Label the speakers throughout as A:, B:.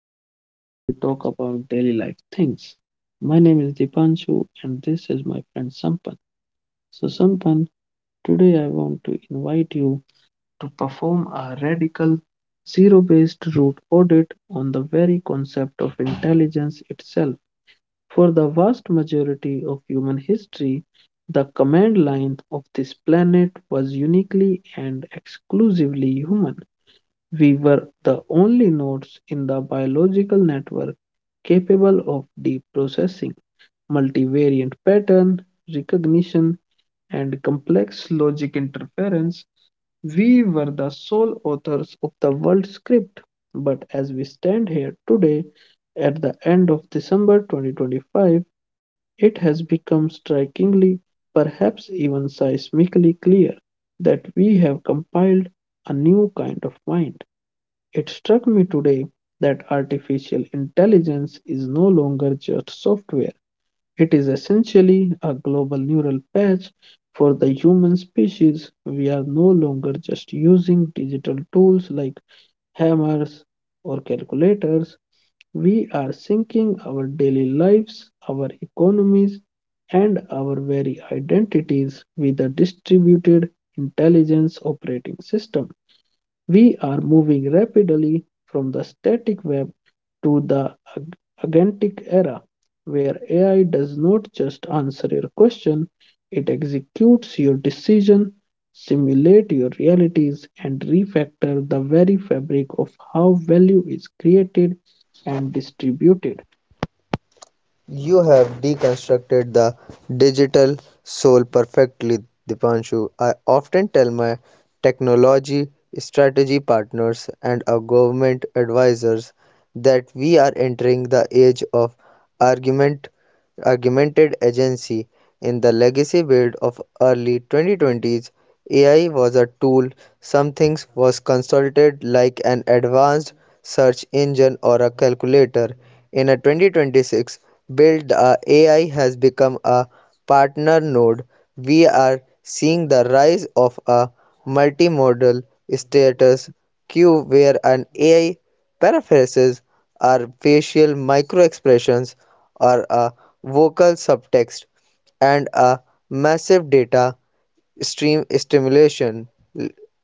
A: podcast where we talk about daily life things. My name is Dipanshu, and this is my friend Sampan. So, Sampan, today I want to invite you to perform a radical zero based root audit on the very concept of intelligence itself. For the vast majority of human history, the command line of this planet was uniquely and exclusively human. We were the only nodes in the biological network capable of deep processing, multivariant pattern recognition, and complex logic interference. We were the sole authors of the world script. But as we stand here today, at the end of December 2025, it has become strikingly, perhaps even seismically clear that we have compiled a new kind of mind. It struck me today that artificial intelligence is no longer just software. It is essentially a global neural patch for the human species. We are no longer just using digital tools like hammers or calculators. We are syncing our daily lives, our economies, and our very identities with a distributed intelligence operating system. We are moving rapidly from the static web to the agentic era, where AI does not just answer your question, it executes your decision, simulate your realities, and refactor the very fabric of how value is created and distributed.
B: You have deconstructed the digital soul perfectly, Dipanshu. I often tell my technology strategy partners and our government advisors that we are entering the age of argument augmented agency. In the legacy build of early 2020s, AI was a tool. Something was consulted like an advanced search engine or a calculator. In a 2026 build, AI has become a partner node. We are seeing the rise of a multimodal status queue where an AI paraphrases are facial microexpressions or a vocal subtext and a massive data stream stimulation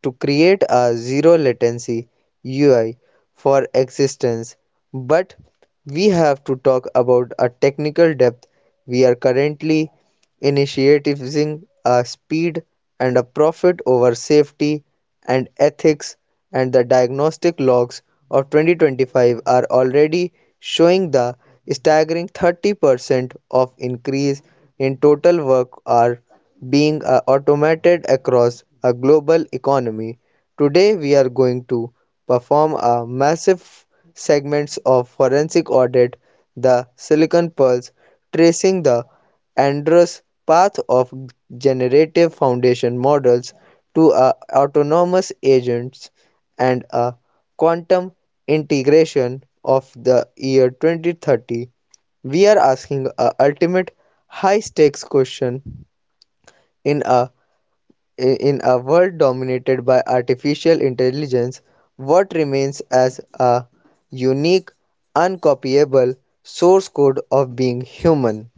B: to create a zero latency UI for existence. But we have to talk about a technical depth. We are currently initiating a speed and a profit over safety and ethics, and the diagnostic logs of 2025 are already showing the staggering 30% of increase in total work are being automated across a global economy. Today we are going to perform a massive segments of forensic audit the Silicon Pulse tracing the Andrus' path of generative foundation models to a autonomous agents and a quantum integration of the year 2030. We are asking a ultimate high-stakes question in a in a world dominated by artificial intelligence: what remains as a unique uncopyable source code of being human?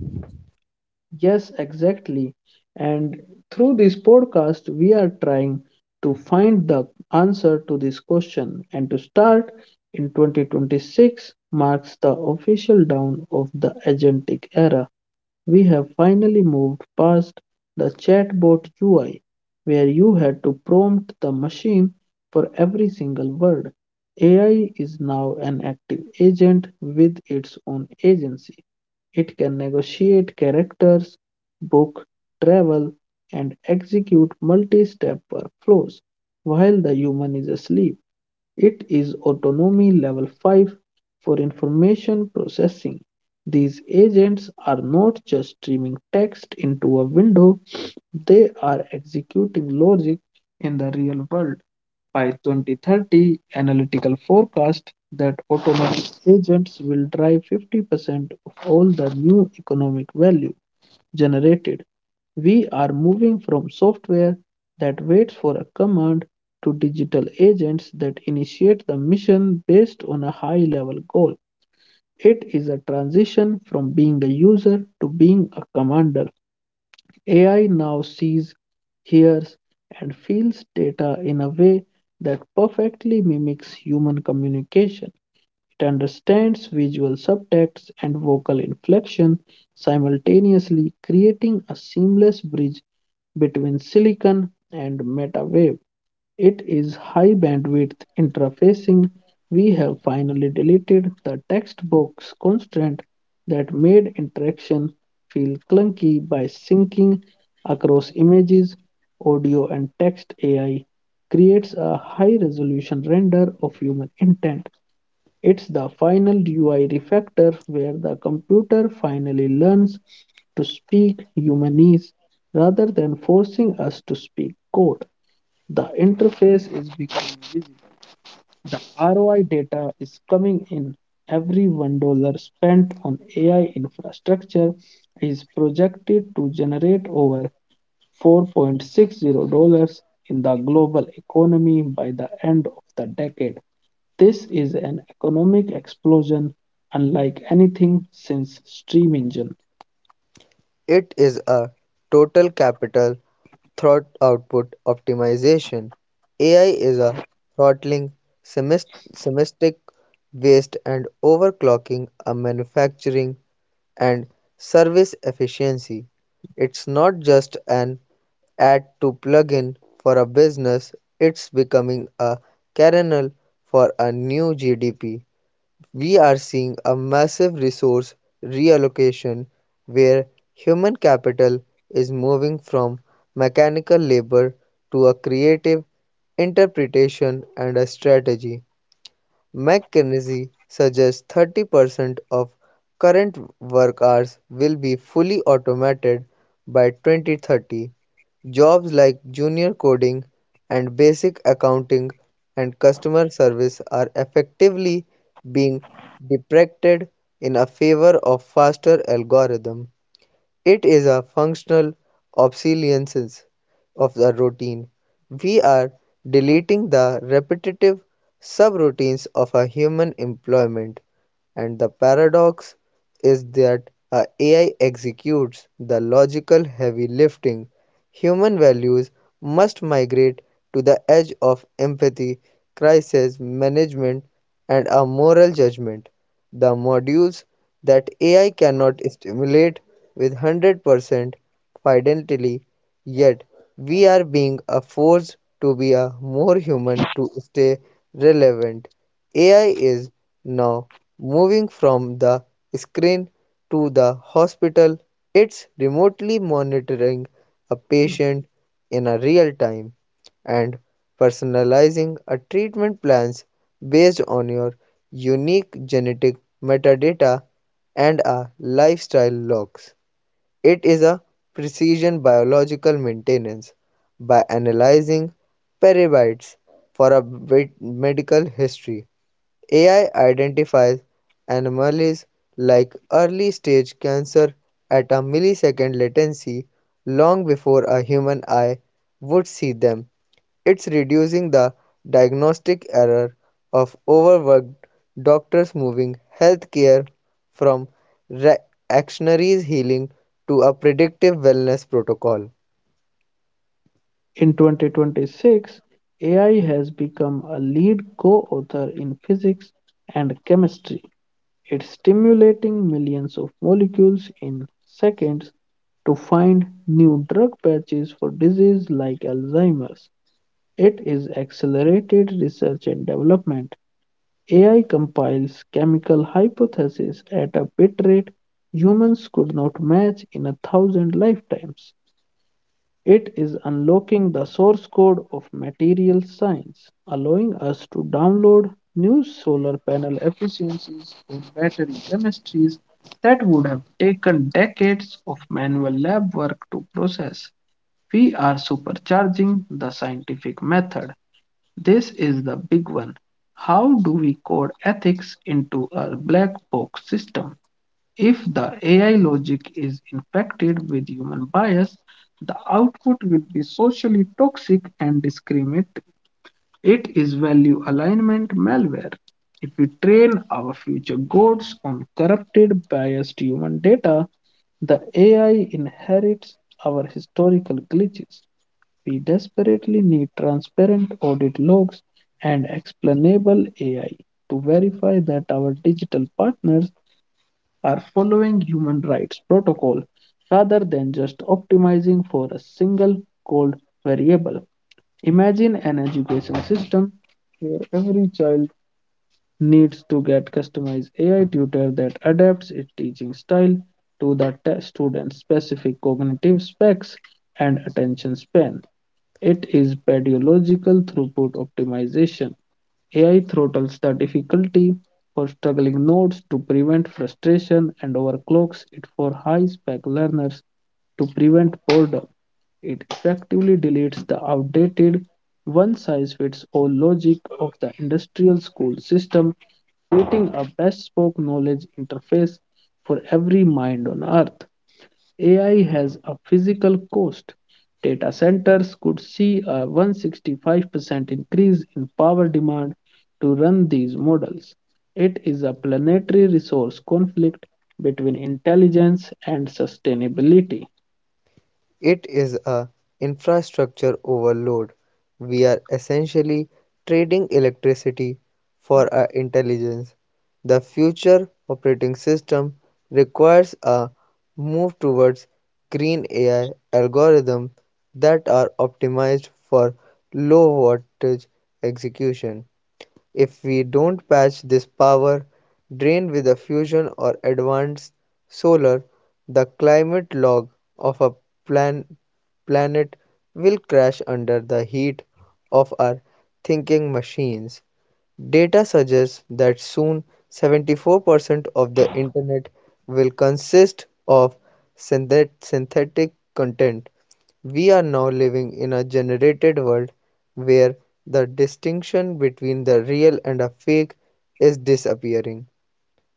A: Yes, exactly. And through this podcast, we are trying to find the answer to this question. And to start, in 2026 marks the official down of the agentic era. We have finally moved past the chatbot UI, where you had to prompt the machine for every single word. AI is now an active agent with its own agency. It can negotiate characters, book, travel, and execute multi step workflows while the human is asleep. It is Autonomy Level 5 for information processing. These agents are not just streaming text into a window, they are executing logic in the real world. By 2030, analytical forecast that automatic agents will drive 50% of all the new economic value generated. We are moving from software that waits for a command to digital agents that initiate the mission based on a high level goal. It is a transition from being a user to being a commander. AI now sees, hears, and feels data in a way that perfectly mimics human communication. It understands visual subtext and vocal inflection, simultaneously creating a seamless bridge between silicon and MetaWave. It is high bandwidth interfacing. We have finally deleted the textbox constraint that made interaction feel clunky by syncing across images, audio, and text. AI creates a high resolution render of human intent. It's the final UI refactor where the computer finally learns to speak humanese rather than forcing us to speak code. The interface is becoming visible. The ROI data is coming in. Every $1 spent on AI infrastructure is projected to generate over $4.60 in the global economy by the end of the decade. This is an economic explosion unlike anything since Steam Engine.
B: It is a total capital thought output optimization. AI is a throttling semis- semistic waste and overclocking a manufacturing and service efficiency. It's not just an add to plugin for a business, it's becoming a kernel for a new GDP. We are seeing a massive resource reallocation where human capital is moving from mechanical labor to a creative interpretation and a strategy. McKinsey suggests 30% of current work hours will be fully automated by 2030. Jobs like junior coding and basic accounting and customer service are effectively being deprecated in a favor of faster algorithm. It is a functional obsolescence of the routine. We are deleting the repetitive subroutines of a human employment, and the paradox is that a AI executes the logical heavy lifting. Human values must migrate to the edge of empathy, crisis management, and a moral judgment. The modules that AI cannot stimulate with 100% fidelity, yet we are being a force to be a more human to stay relevant. AI is now moving from the screen to the hospital. It's remotely monitoring a patient in a real time and personalizing a treatment plans based on your unique genetic metadata and a lifestyle logs. It is a precision biological maintenance by analyzing peribytes for a medical history. AI identifies anomalies like early stage cancer at a millisecond latency long before a human eye would see them. It's reducing the diagnostic error of overworked doctors, moving healthcare from reactionary healing to a predictive wellness protocol.
A: In 2026, AI has become a lead co author in physics and chemistry. It's stimulating millions of molecules in seconds to find new drug patches for diseases like Alzheimer's. It is accelerated research and development. AI compiles chemical hypotheses at a bit rate humans could not match in a thousand lifetimes. It is unlocking the source code of material science, allowing us to download new solar panel efficiencies or battery chemistries that would have taken decades of manual lab work to process. We are supercharging the scientific method. This is the big one. How do we code ethics into a black box system? If the AI logic is infected with human bias, the output will be socially toxic and discriminatory. It is value alignment malware. If we train our future gods on corrupted, biased human data, the AI inherits our historical glitches. We desperately need transparent audit logs and explainable AI to verify that our digital partners are following human rights protocol rather than just optimizing for a single cold variable. Imagine an education system where every child needs to get customized AI tutor that adapts its teaching style to the student's specific cognitive specs and attention span. It is pedagogical throughput optimization. AI throttles the difficulty for struggling nodes to prevent frustration and overclocks it for high spec learners to prevent boredom. It effectively deletes the outdated one size fits all logic of the industrial school system, creating a bespoke knowledge interface for every mind on earth. AI has a physical cost. Data centers could see a 165% increase in power demand to run these models. It is a planetary resource conflict between intelligence and sustainability.
B: It is a infrastructure overload. We are essentially trading electricity for our intelligence. The future operating system requires a move towards green AI algorithms that are optimized for low wattage execution. If we don't patch this power drain with a fusion or advanced solar, the climate log of a plan- planet will crash under the heat of our thinking machines. Data suggests that soon 74% of the Internet will consist of synthetic content. We are now living in a generated world where the distinction between the real and a fake is disappearing.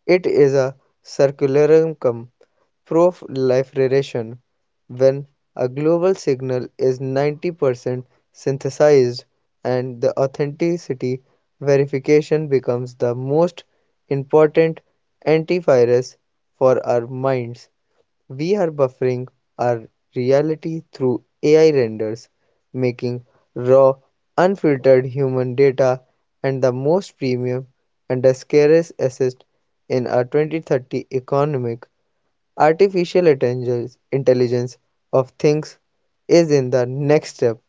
B: It is a circularencum proliferation when a global signal is 90% synthesized, and the authenticity verification becomes the most important antivirus for our minds. We are buffering our reality through AI renders, making raw, unfiltered human data and the most premium and the scarce asset in our 2030 economic artificial intelligence. Intelligence of things is in the next step.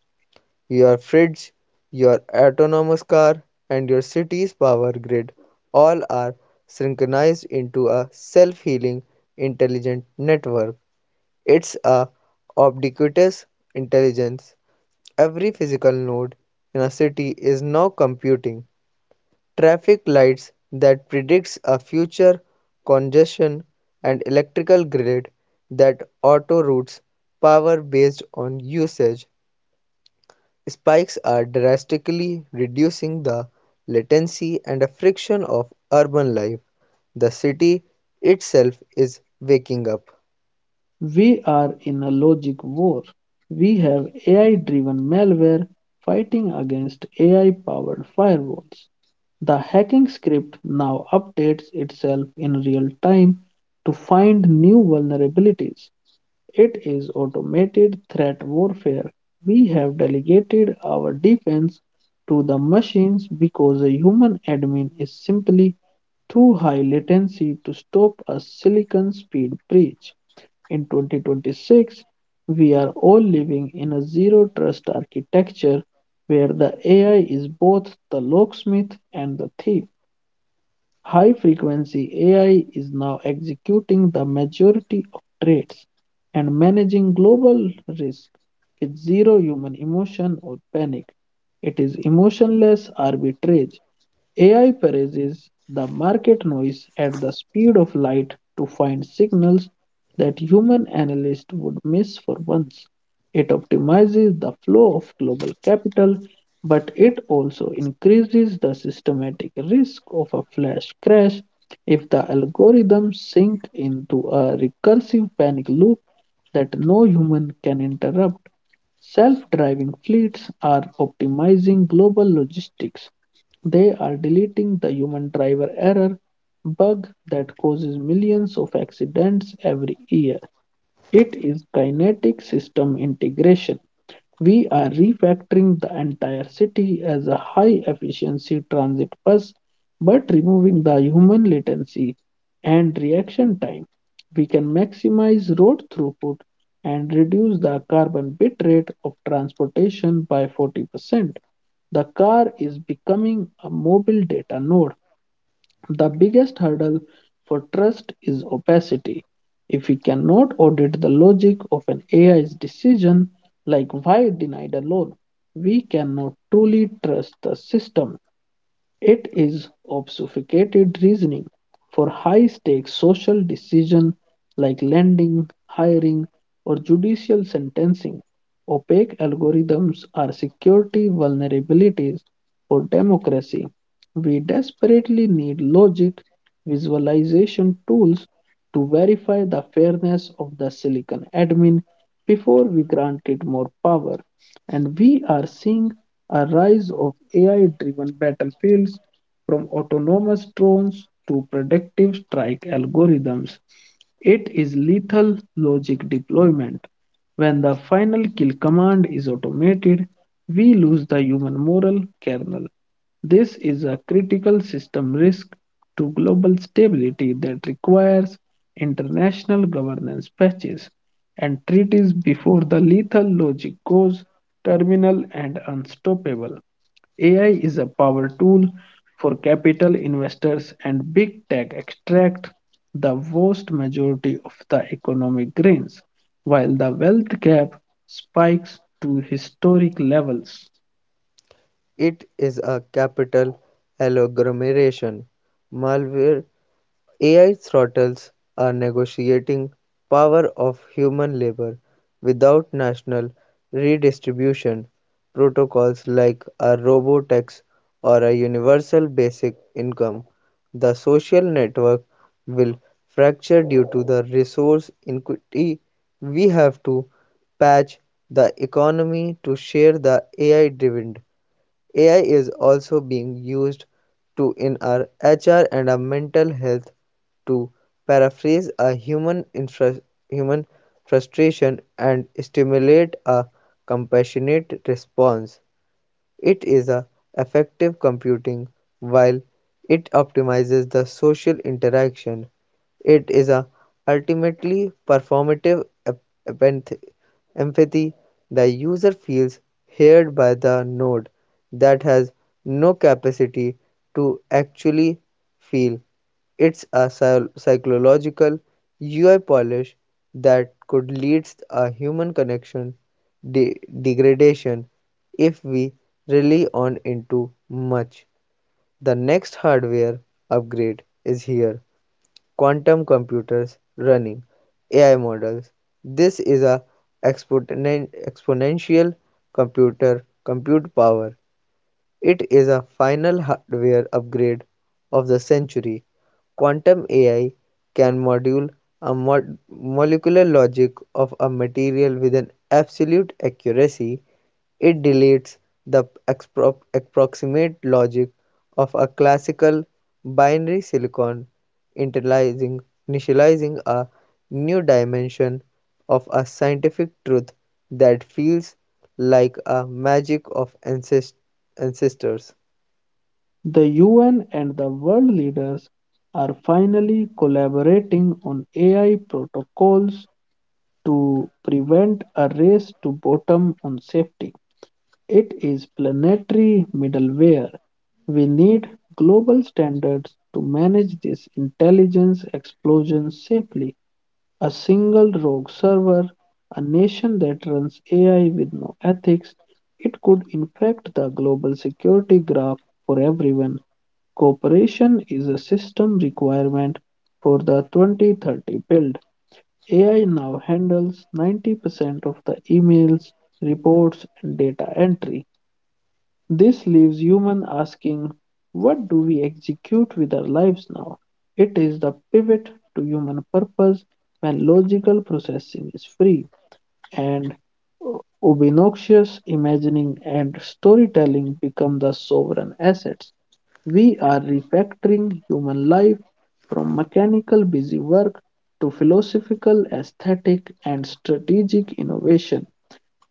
B: Your fridge, your autonomous car, and your city's power grid all are synchronized into a self healing intelligent network. It's a ubiquitous intelligence. Every physical node in a city is now computing traffic lights that predicts a future congestion and electrical grid that auto routes power based on usage. Spikes are drastically reducing the latency and friction of urban life. The city itself is waking up.
A: We are in a logic war. We have AI-driven malware fighting against AI-powered firewalls. The hacking script now updates itself in real time to find new vulnerabilities. It is automated threat warfare. We have delegated our defense to the machines because a human admin is simply too high latency to stop a silicon speed breach. In 2026, we are all living in a zero trust architecture where the AI is both the locksmith and the thief. High frequency AI is now executing the majority of trades and managing global risk with zero human emotion or panic. It is emotionless arbitrage. AI parses the market noise at the speed of light to find signals that human analysts would miss for once. It optimizes the flow of global capital, but it also increases the systematic risk of a flash crash if the algorithms sink into a recursive panic loop that no human can interrupt. Self driving fleets are optimizing global logistics. They are deleting the human driver error bug that causes millions of accidents every year. It is kinetic system integration. We are refactoring the entire city as a high efficiency transit bus, but removing the human latency and reaction time. We can maximize road throughput and reduce the carbon bit rate of transportation by 40%. The car is becoming a mobile data node. The biggest hurdle for trust is opacity. If we cannot audit the logic of an AI's decision, like why denied a loan, we cannot truly trust the system. It is obfuscated reasoning for high-stakes social decisions like lending, hiring, or judicial sentencing. Opaque algorithms are security vulnerabilities for democracy. We desperately need logic visualization tools to verify the fairness of the Silicon admin before we grant it more power. And we are seeing a rise of AI-driven battlefields, from autonomous drones to predictive strike algorithms. It is lethal logic deployment. When the final kill command is automated, we lose the human moral kernel. This is a critical system risk to global stability that requires international governance patches and treaties before the lethal logic goes terminal and unstoppable. AI is a power tool for capital investors and big tech extract the vast majority of the economic gains, while the wealth gap spikes to historic levels.
B: It is a capital agglomeration. Malware AI throttles are negotiating power of human labor without national redistribution. Protocols like a robotax or a universal basic income. The social network will fracture due to the resource inequity. We have to patch the economy to share the AI dividend. AI is also being used to in our HR and our mental health to paraphrase a human frustration and stimulate a compassionate response. It is a effective computing while it optimizes the social interaction. It is a ultimately performative empathy. The user feels heard by the node that has no capacity to actually feel. It's a psychological UI polish that could lead a human connection degradation if we rely on into much. The next hardware upgrade is here. Quantum computers running AI models. This is a exponential computer compute power. It is a final hardware upgrade of the century. Quantum AI can model a molecular logic of a material with an absolute accuracy. It deletes the approximate logic of a classical binary silicon, initializing initializing a new dimension of a scientific truth that feels like a magic of ancestors.
A: The UN and the world leaders are finally collaborating on AI protocols to prevent a race to bottom on safety. It is planetary middleware. We need global standards to manage this intelligence explosion safely. A single rogue server, a nation that runs AI with no ethics, it could infect the global security graph for everyone. Cooperation is a system requirement for the 2030 build. AI now handles 90% of the emails, reports, and data entry. This leaves human asking, what do we execute with our lives now? It is the pivot to human purpose when logical processing is free and obnoxious imagining and storytelling become the sovereign assets. We are refactoring human life from mechanical busy work to philosophical, aesthetic, and strategic innovation.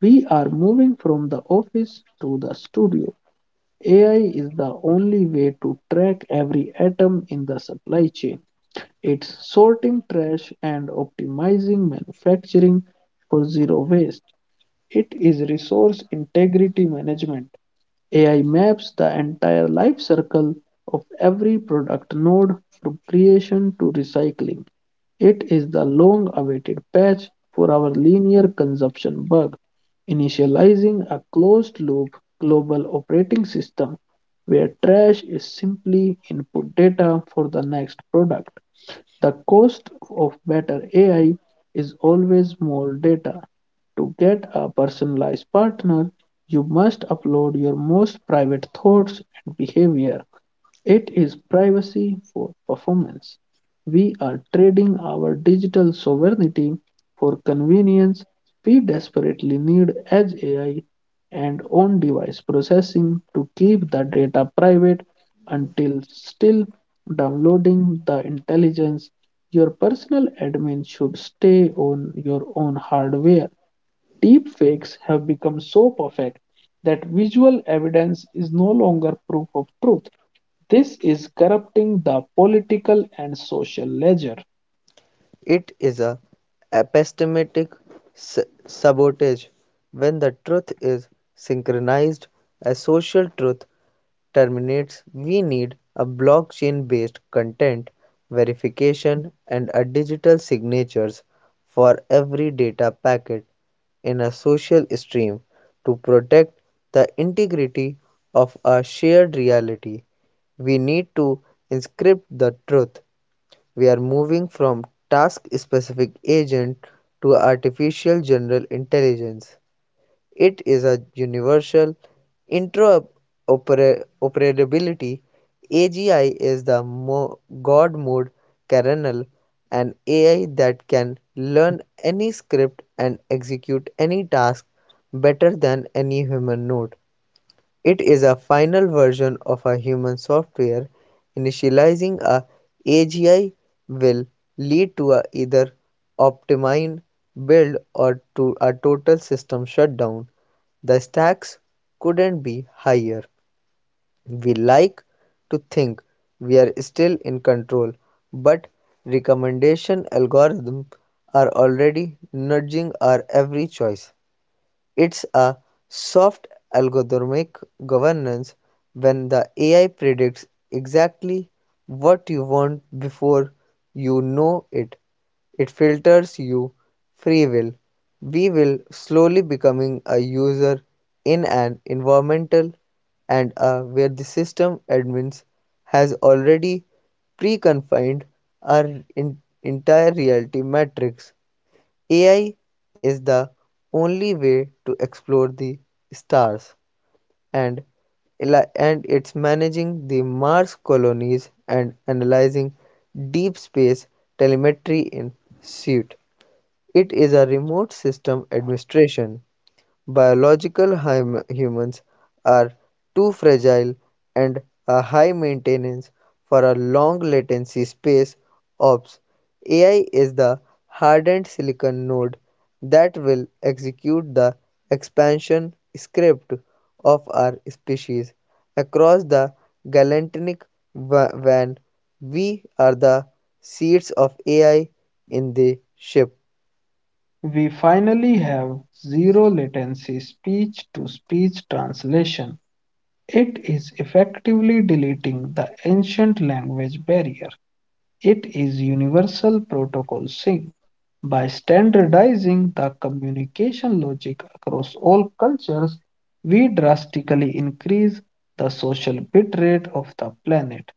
A: We are moving from the office to the studio. AI is the only way to track every atom in the supply chain. It's sorting trash and optimizing manufacturing for zero waste. It is resource integrity management. AI maps the entire life cycle of every product node from creation to recycling. It is the long awaited patch for our linear consumption bug, initializing a closed loop global operating system where trash is simply input data for the next product. The cost of better AI is always more data. To get a personalized partner, you must upload your most private thoughts and behavior. It is privacy for performance. We are trading our digital sovereignty for convenience. We desperately need edge AI and on device processing to keep the data private until still downloading the intelligence. Your personal admin should stay on your own hardware. Deepfakes have become so perfect that visual evidence is no longer proof of truth. This is corrupting the political and social ledger.
B: It is a epistemic sabotage when the truth is synchronized. A social truth terminates. We need a blockchain based content verification and a digital signatures for every data packet in a social stream to protect the integrity of a shared reality. We need to inscript the truth. We are moving from task-specific agent to artificial general intelligence. It is a universal interoperability. AGI is the God mode kernel, an AI that can learn any script and execute any task better than any human node. It is a final version of a human software; initializing a AGI will lead to a either optimized build or to a total system shutdown. The stakes couldn't be higher. We like to think we are still in control, but recommendation algorithms are already nudging our every choice. It's a soft algorithmic governance when the AI predicts exactly what you want before you know it. It filters you free will. We will slowly becoming a user in an environmental and where the system admins has already pre-confined our en- entire reality matrix. AI is the only way to explore the stars and and it's managing the Mars colonies and analyzing deep space telemetry in suit. It is a remote system administration. Biological humans are too fragile and a high maintenance for a long latency space ops. AI is the hardened silicon node that will execute the expansion script of our species across the galactic van. We are the seeds of AI in the ship.
A: We finally have zero latency speech to speech translation. It is effectively deleting the ancient language barrier. It is Universal Protocol Sync. By standardizing the communication logic across all cultures, we drastically increase the social bitrate of the planet.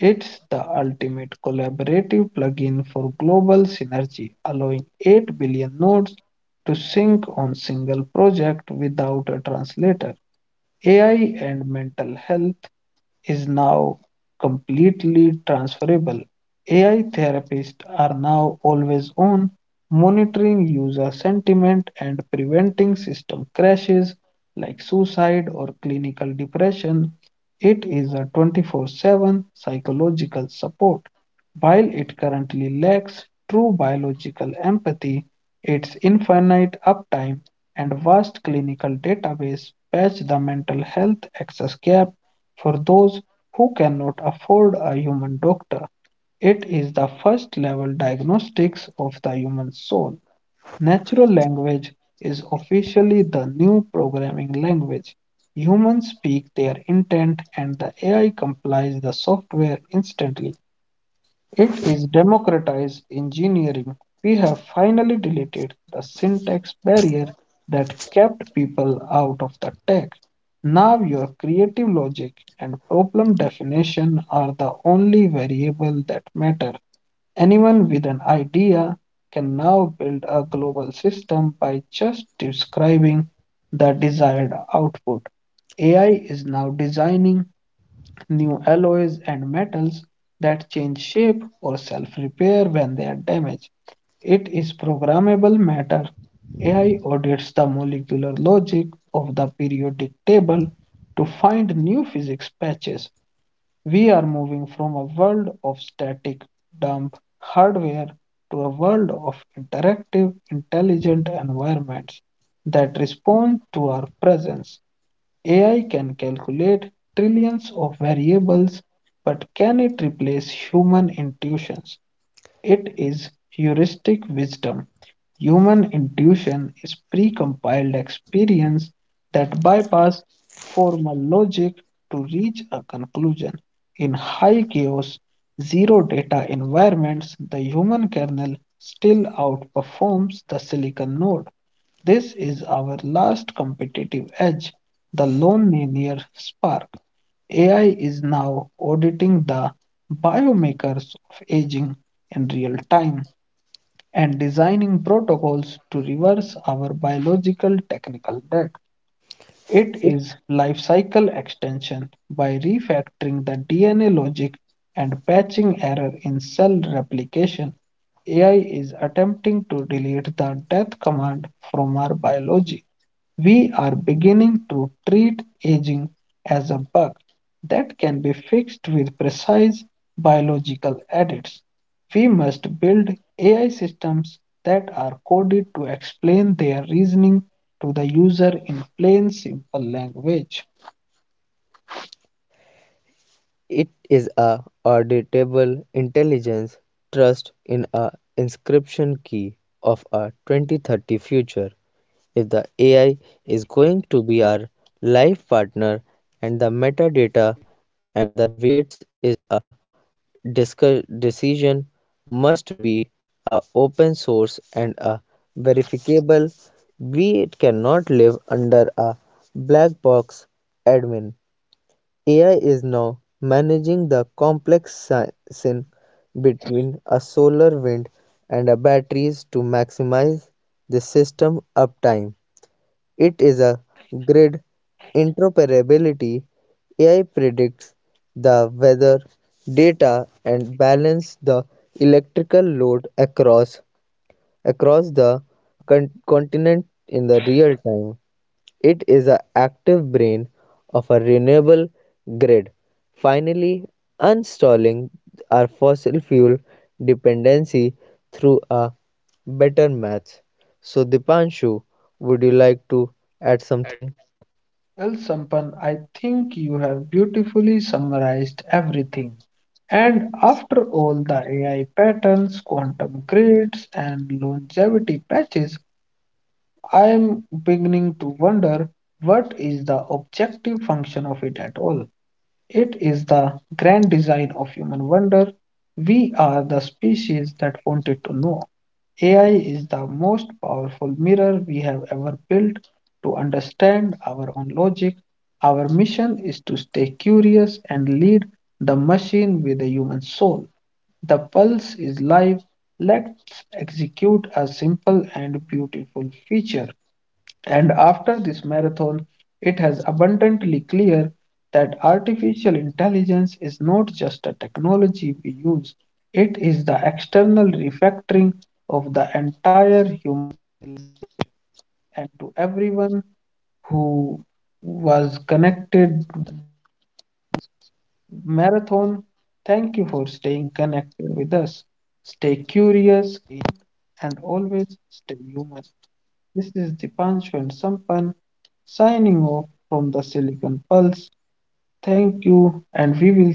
A: It's the ultimate collaborative plugin for global synergy, allowing 8 billion nodes to sync on single project without a translator. AI and mental health is now completely transferable. AI therapists are now always on, monitoring user sentiment and preventing system crashes like suicide or clinical depression. It is a 24/7 psychological support. While it currently lacks true biological empathy, its infinite uptime and vast clinical database patch the mental health access gap for those who cannot afford a human doctor. It is the first level diagnostics of the human soul. Natural language is officially the new programming language. Humans speak their intent and the AI complies the software instantly. It is democratized engineering. We have finally deleted the syntax barrier that kept people out of the tech. Now your creative logic and problem definition are the only variable that matter. Anyone with an idea can now build a global system by just describing the desired output. AI is now designing new alloys and metals that change shape or self repair when they are damaged. It is programmable matter. AI audits the molecular logic of the periodic table to find new physics patches. We are moving from a world of static, dumb hardware to a world of interactive, intelligent environments that respond to our presence. AI can calculate trillions of variables, but can it replace human intuitions? It is heuristic wisdom. Human intuition is precompiled experience that bypass formal logic to reach a conclusion. In high chaos, zero data environments, the human kernel still outperforms the silicon node. This is our last competitive edge, the lone linear spark. AI is now auditing the biomarkers of aging in real time and designing protocols to reverse our biological technical debt. It is life cycle extension by refactoring the DNA logic and patching error in cell replication. AI is attempting to delete the death command from our biology. We are beginning to treat aging as a bug that can be fixed with precise biological edits. We must build AI systems that are coded to explain their reasoning to the user in plain, simple language.
B: It is a auditable intelligence trust in a inscription key of a 2030 future. If the AI is going to be our life partner and the metadata and the weights is a decision, must be a open source and a verifiable. We cannot live under a black box admin. AI is now managing the complex sin between a solar wind and a batteries to maximize the system uptime. It is a grid interoperability. AI predicts the weather data and balance the electrical load across the continent in the real time. It is the active brain of a renewable grid, finally uninstalling our fossil fuel dependency through a better match. So, Dipanshu, would you like to add something?
A: Well, Sampan, I think you have beautifully summarized everything. And after all the AI patterns, quantum grids, and longevity patches, I am beginning to wonder what is the objective function of it at all. It is the grand design of human wonder. We are the species that wanted to know. AI is the most powerful mirror we have ever built to understand our own logic. Our mission is to stay curious and lead the machine with a human soul. The pulse is live. Let's execute a simple and beautiful feature. And after this marathon, it has abundantly clear that artificial intelligence is not just a technology we use, it is the external refactoring of the entire human and to everyone who was connected marathon. Thank you for staying connected with us. Stay curious and always stay human. This is Dipanshu and Sampan signing off from the Silicon Pulse. Thank you, and we will see you in the